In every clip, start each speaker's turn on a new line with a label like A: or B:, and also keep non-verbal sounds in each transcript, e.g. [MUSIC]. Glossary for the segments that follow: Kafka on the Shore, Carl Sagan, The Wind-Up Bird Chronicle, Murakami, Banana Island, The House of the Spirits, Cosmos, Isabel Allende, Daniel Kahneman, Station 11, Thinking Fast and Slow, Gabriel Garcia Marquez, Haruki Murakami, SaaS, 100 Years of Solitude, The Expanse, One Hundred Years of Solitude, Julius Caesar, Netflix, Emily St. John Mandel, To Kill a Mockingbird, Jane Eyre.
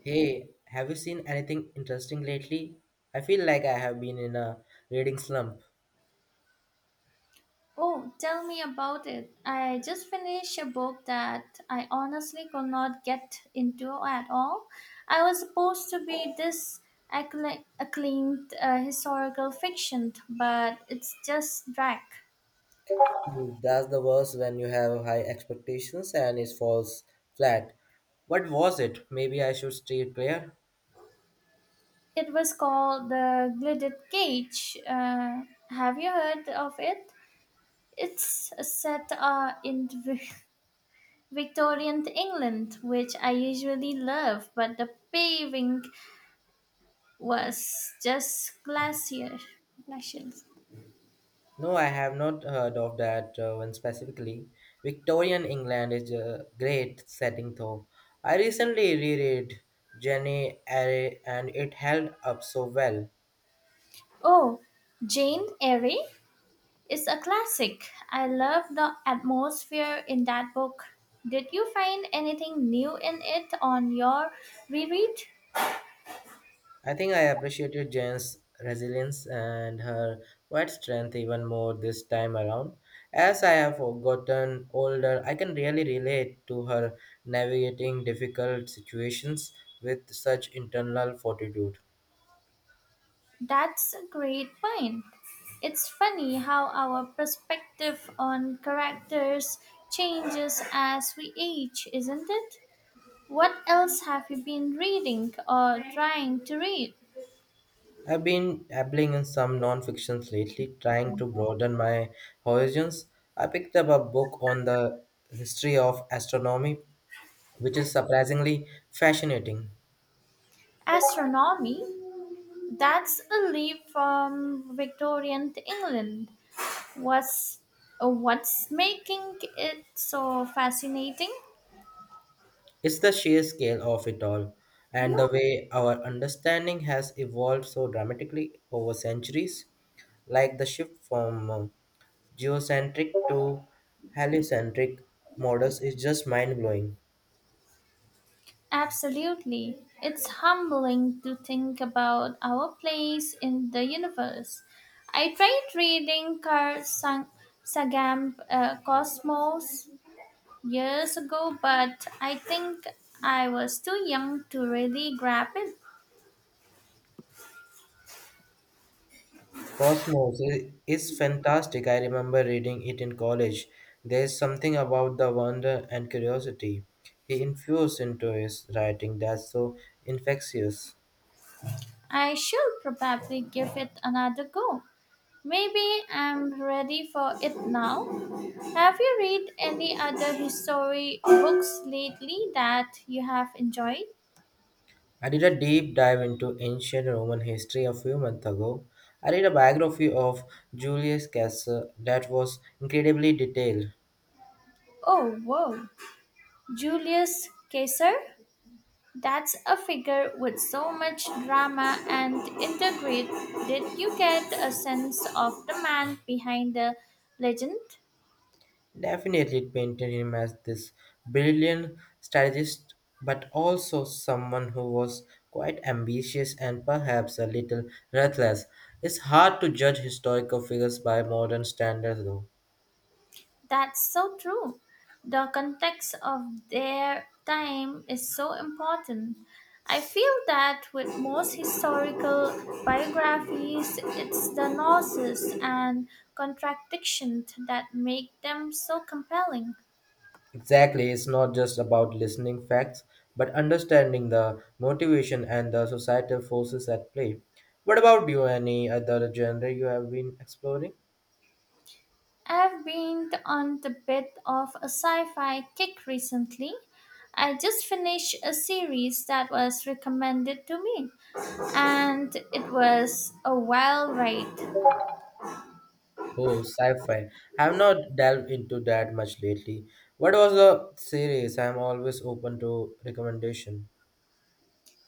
A: Hey, have you seen anything interesting lately? I feel like I have been in a reading slump.
B: Oh, tell me about it. I just finished a book that I honestly could not get into at all. I was supposed to be this acclaimed historical fiction, but it's just drag.
A: That's the worst when you have high expectations and it falls flat. What was it? Maybe I should steer clear?
B: It was called The Gilded Cage. Have you heard of it? It's set in Victorian England, which I usually love, but the paving was just glacier. Glaciers.
A: No, I have not heard of that one specifically. Victorian England is a great setting though. I recently reread Jenny Eyre and it held up so well.
B: Oh, Jane Eyre is a classic. I love the atmosphere in that book. Did you find anything new in it on your reread?
A: I think I appreciated Jane's resilience and her quiet strength even more this time around. As I have gotten older, I can really relate to her navigating difficult situations with such internal fortitude.
B: That's a great point. It's funny how our perspective on characters changes as we age, isn't it? What else have you been reading or trying to read?
A: I've been dabbling in some non-fictions lately, trying to broaden my horizons. I picked up a book on the history of astronomy, which is surprisingly fascinating.
B: Astronomy, that's a leap from Victorian to England. What's, what's making it so fascinating?
A: It's the sheer scale of it all, and the way our understanding has evolved so dramatically over centuries, like the shift from geocentric to heliocentric models is just mind blowing.
B: Absolutely. It's humbling to think about our place in the universe. I tried reading Carl Sagan Cosmos years ago, but I think I was too young to really grab it.
A: Cosmos is fantastic. I remember reading it in college. There is something about the wonder and curiosity he infused into his writing that's so infectious.
B: I shall probably give it another go. Maybe I'm ready for it now. Have you read any other history books lately that you have enjoyed?
A: I did a deep dive into ancient Roman history a few months ago. I read a biography of Julius Caesar that was incredibly detailed.
B: Oh, whoa. Julius Caesar? That's a figure with so much drama and integrate. Did you get a sense of the man behind the legend?
A: Definitely painted him as this brilliant strategist, but also someone who was quite ambitious and perhaps a little ruthless. It's hard to judge historical figures by modern standards, though.
B: That's so true. The context of their time is so important. I feel that with most historical biographies, it's the nuances and contradictions that make them so compelling.
A: Exactly, it's not just about listening facts, but understanding the motivation and the societal forces at play. What about you? Any other genre you have been exploring?
B: I've been on the bit of a sci-fi kick recently. I just finished a series that was recommended to me, and it was a wild ride.
A: Oh, sci-fi. I have not delved into that much lately. What was the series? I'm always open to recommendation.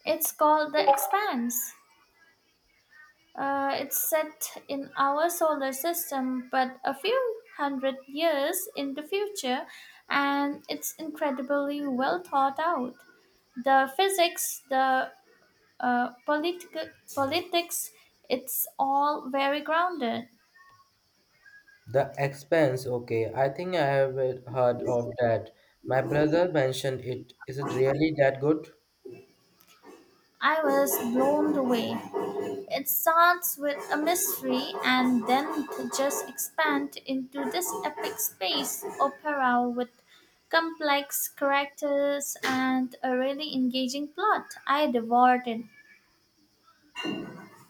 B: It's called The Expanse. It's set in our solar system, but a few hundred years in the future, and it's incredibly well thought out. The physics, the politics, it's all very grounded.
A: The Expanse. Okay, I think I have heard of that. My brother mentioned it. Is it really that good?
B: I was blown away. It starts with a mystery and then just expand into this epic space opera with complex characters and a really engaging plot. I devoured it.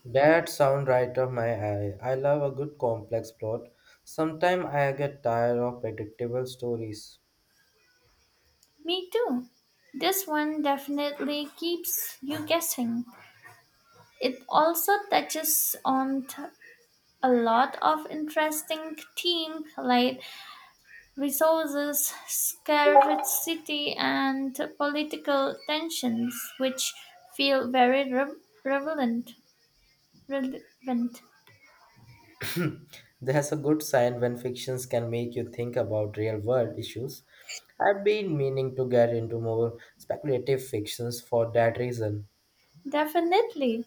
A: That sound right up my alley. I love a good complex plot. Sometimes I get tired of predictable stories.
B: Me too. This one definitely keeps you guessing. It also touches on a lot of interesting themes like resources scarcity, and political tensions, which feel very relevant. relevant.
A: [CLEARS THROAT] That's a good sign when fictions can make you think about real world issues. I've been meaning to get into more speculative fictions for that reason.
B: Definitely.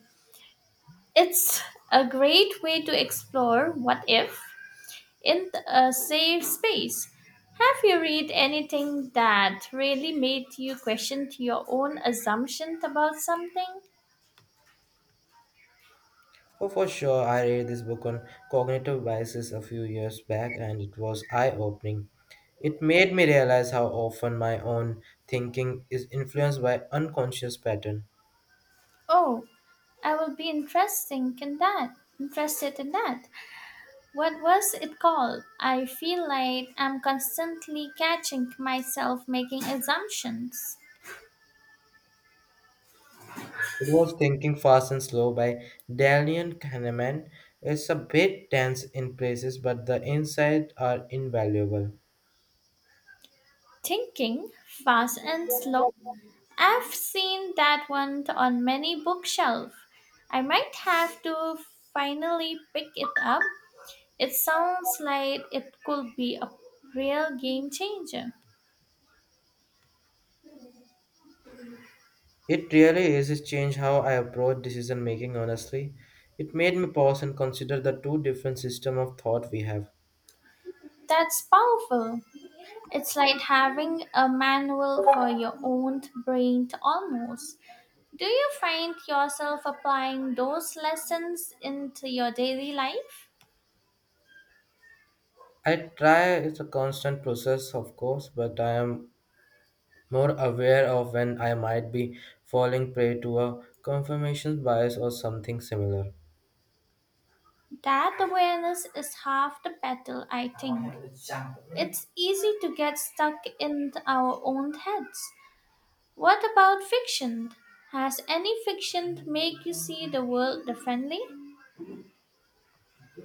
B: It's a great way to explore what if in a safe space. Have you read anything that really made you question your own assumptions about something?
A: Oh, for sure, I read this book on cognitive biases a few years back and it was eye opening. It made me realize how often my own thinking is influenced by unconscious patterns.
B: Oh, I will be interesting in that. Interested in that. What was it called? I feel like I'm constantly catching myself making assumptions.
A: It was Thinking Fast and Slow by Dalian Kahneman. It's a bit dense in places, but the insights are invaluable.
B: Thinking Fast and Slow. I've seen that one on many bookshelves. I might have to finally pick it up. It sounds like it could be a real game changer.
A: It really is. It changed how I approach decision making honestly. It made me pause and consider the two different systems of thought we have.
B: That's powerful. It's like having a manual for your own brain almost. Do you find yourself applying those lessons into your daily life?
A: I try, it's a constant process of course, but I am more aware of when I might be falling prey to a confirmation bias or something similar.
B: That awareness is half the battle, I think. It's easy to get stuck in our own heads. What about fiction? Has any fiction make you see the world differently?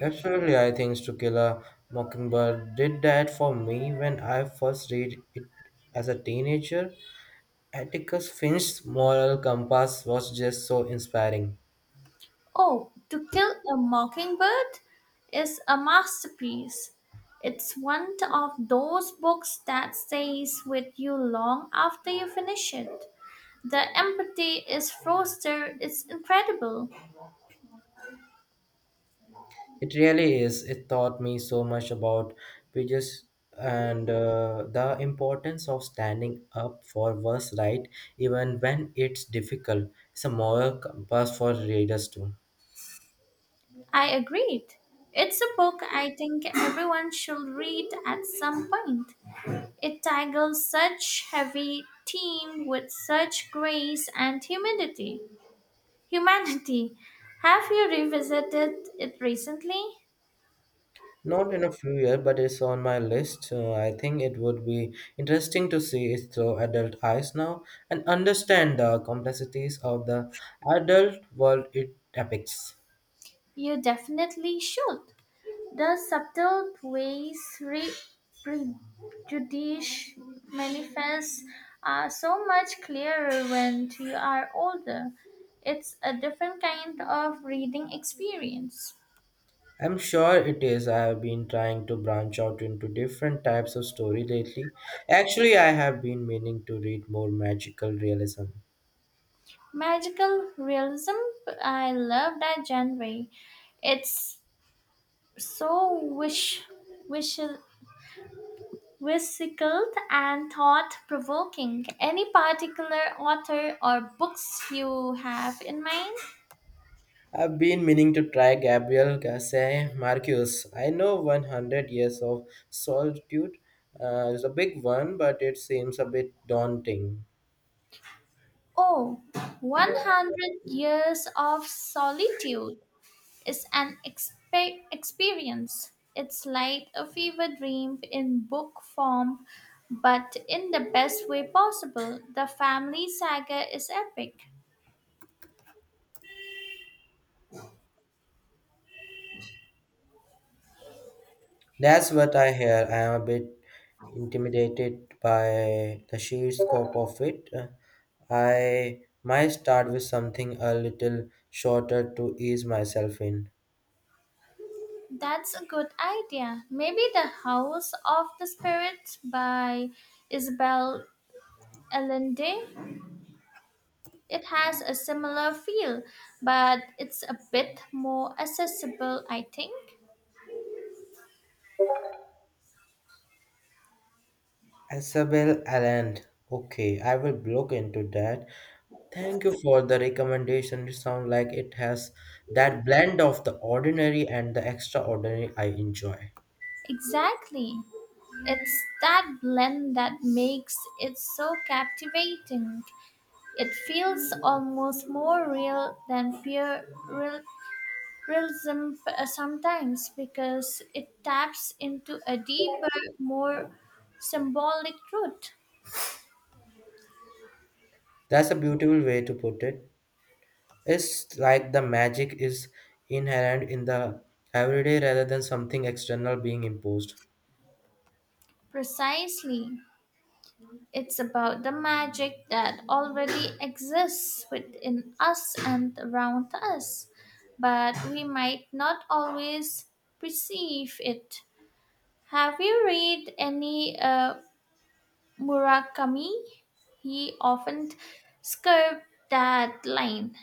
A: Absolutely, I think To Kill a Mockingbird did that for me when I first read it as a teenager. Atticus Finch's moral compass was just so inspiring.
B: Oh, To Kill a Mockingbird is a masterpiece. It's one of those books that stays with you long after you finish it. The empathy is fostered is incredible.
A: It really is. It taught me so much about prejudice and the importance of standing up for what's right, even when it's difficult. It's a moral compass for readers too.
B: I agreed. It's a book I think everyone should read at some point. It tackles such heavy theme with such grace and humidity. Humanity. Have you revisited it recently?
A: Not in a few years, but it's on my list. I think it would be interesting to see it through adult eyes now and understand the complexities of the adult world it depicts.
B: You definitely should. The subtle ways prejudice manifests are so much clearer when you are older. It's a different kind of reading experience.
A: I'm sure it is. I have been trying to branch out into different types of story lately. Actually, I have been meaning to read more magical realism.
B: Magical realism, I love that genre. It's so wish, whimsical and thought provoking. Any particular author or books you have in mind?
A: I've been meaning to try Gabriel Garcia Marquez. I know 100 Years of Solitude is a big one, but it seems a bit daunting.
B: Oh, 100 years of solitude is an experience. It's like a fever dream in book form, but in the best way possible. The family saga is epic.
A: That's what I hear. I am a bit intimidated by the sheer scope of it. I might start with something a little shorter to ease myself in.
B: That's a good idea. Maybe The House of the Spirits by Isabel Allende. It has a similar feel, but it's a bit more accessible, I think.
A: Isabel Allende. Okay, I will look into that. Thank you for the recommendation. It sounds like it has that blend of the ordinary and the extraordinary I enjoy.
B: Exactly. It's that blend that makes it so captivating. It feels almost more real than pure realism sometimes because it taps into a deeper, more symbolic truth.
A: That's a beautiful way to put it. It's like the magic is inherent in the everyday rather than something external being imposed.
B: Precisely. It's about the magic that already exists within us and around us, but we might not always perceive it. Have you read any Murakami? He often skirts that line.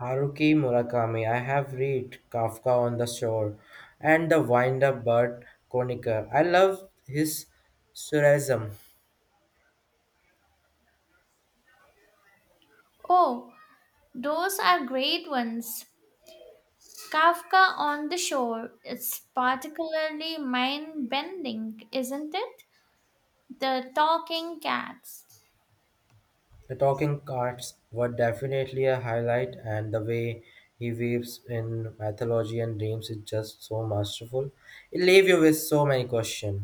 A: Haruki Murakami, I have read Kafka on the Shore and The Wind Up Bird Chronicler. I love his surrealism.
B: Oh, those are great ones. Kafka on the Shore. It's particularly mind bending, isn't it? The talking cats.
A: The talking cards were definitely a highlight, and the way he weaves in mythology and dreams is just so masterful. It leaves you with so many questions.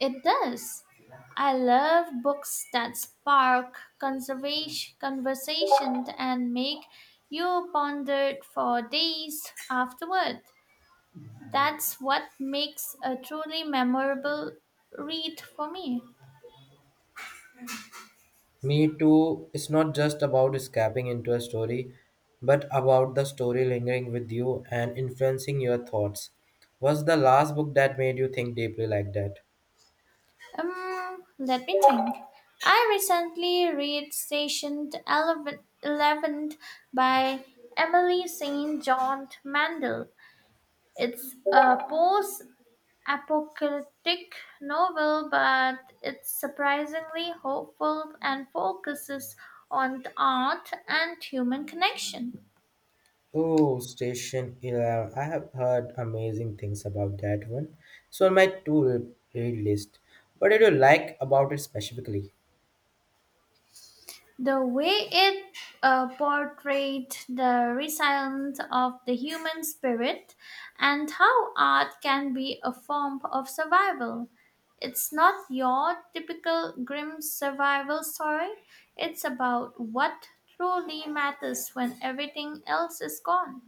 B: It does. I love books that spark conservation, conversation and make you ponder for days afterward. That's what makes a truly memorable read for me.
A: Me too, it's not just about escaping into a story, but about the story lingering with you and influencing your thoughts. Was the last book that made you think deeply like that?
B: Let me think. I recently read Station Eleven by Emily St. John Mandel. It's a post apocalyptic novel, but it's surprisingly hopeful and focuses on art and human connection.
A: Oh, Station 11. I have heard amazing things about that one. So on my to read list. What did you like about it specifically?
B: The way it portrayed the resilience of the human spirit and how art can be a form of survival. It's not your typical grim survival story, it's about what truly matters when everything else is gone.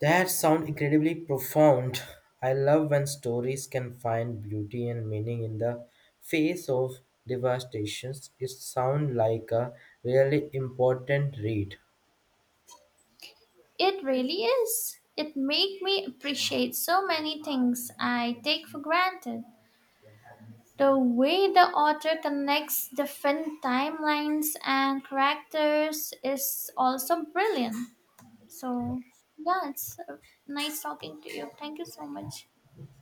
A: That sound incredibly profound. [LAUGHS] I love when stories can find beauty and meaning in the face of devastations. It sounds like a really important read.
B: It really is. It made me appreciate so many things I take for granted. The way the author connects different timelines and characters is also brilliant. So, yeah, it's nice talking to you. Thank you so much.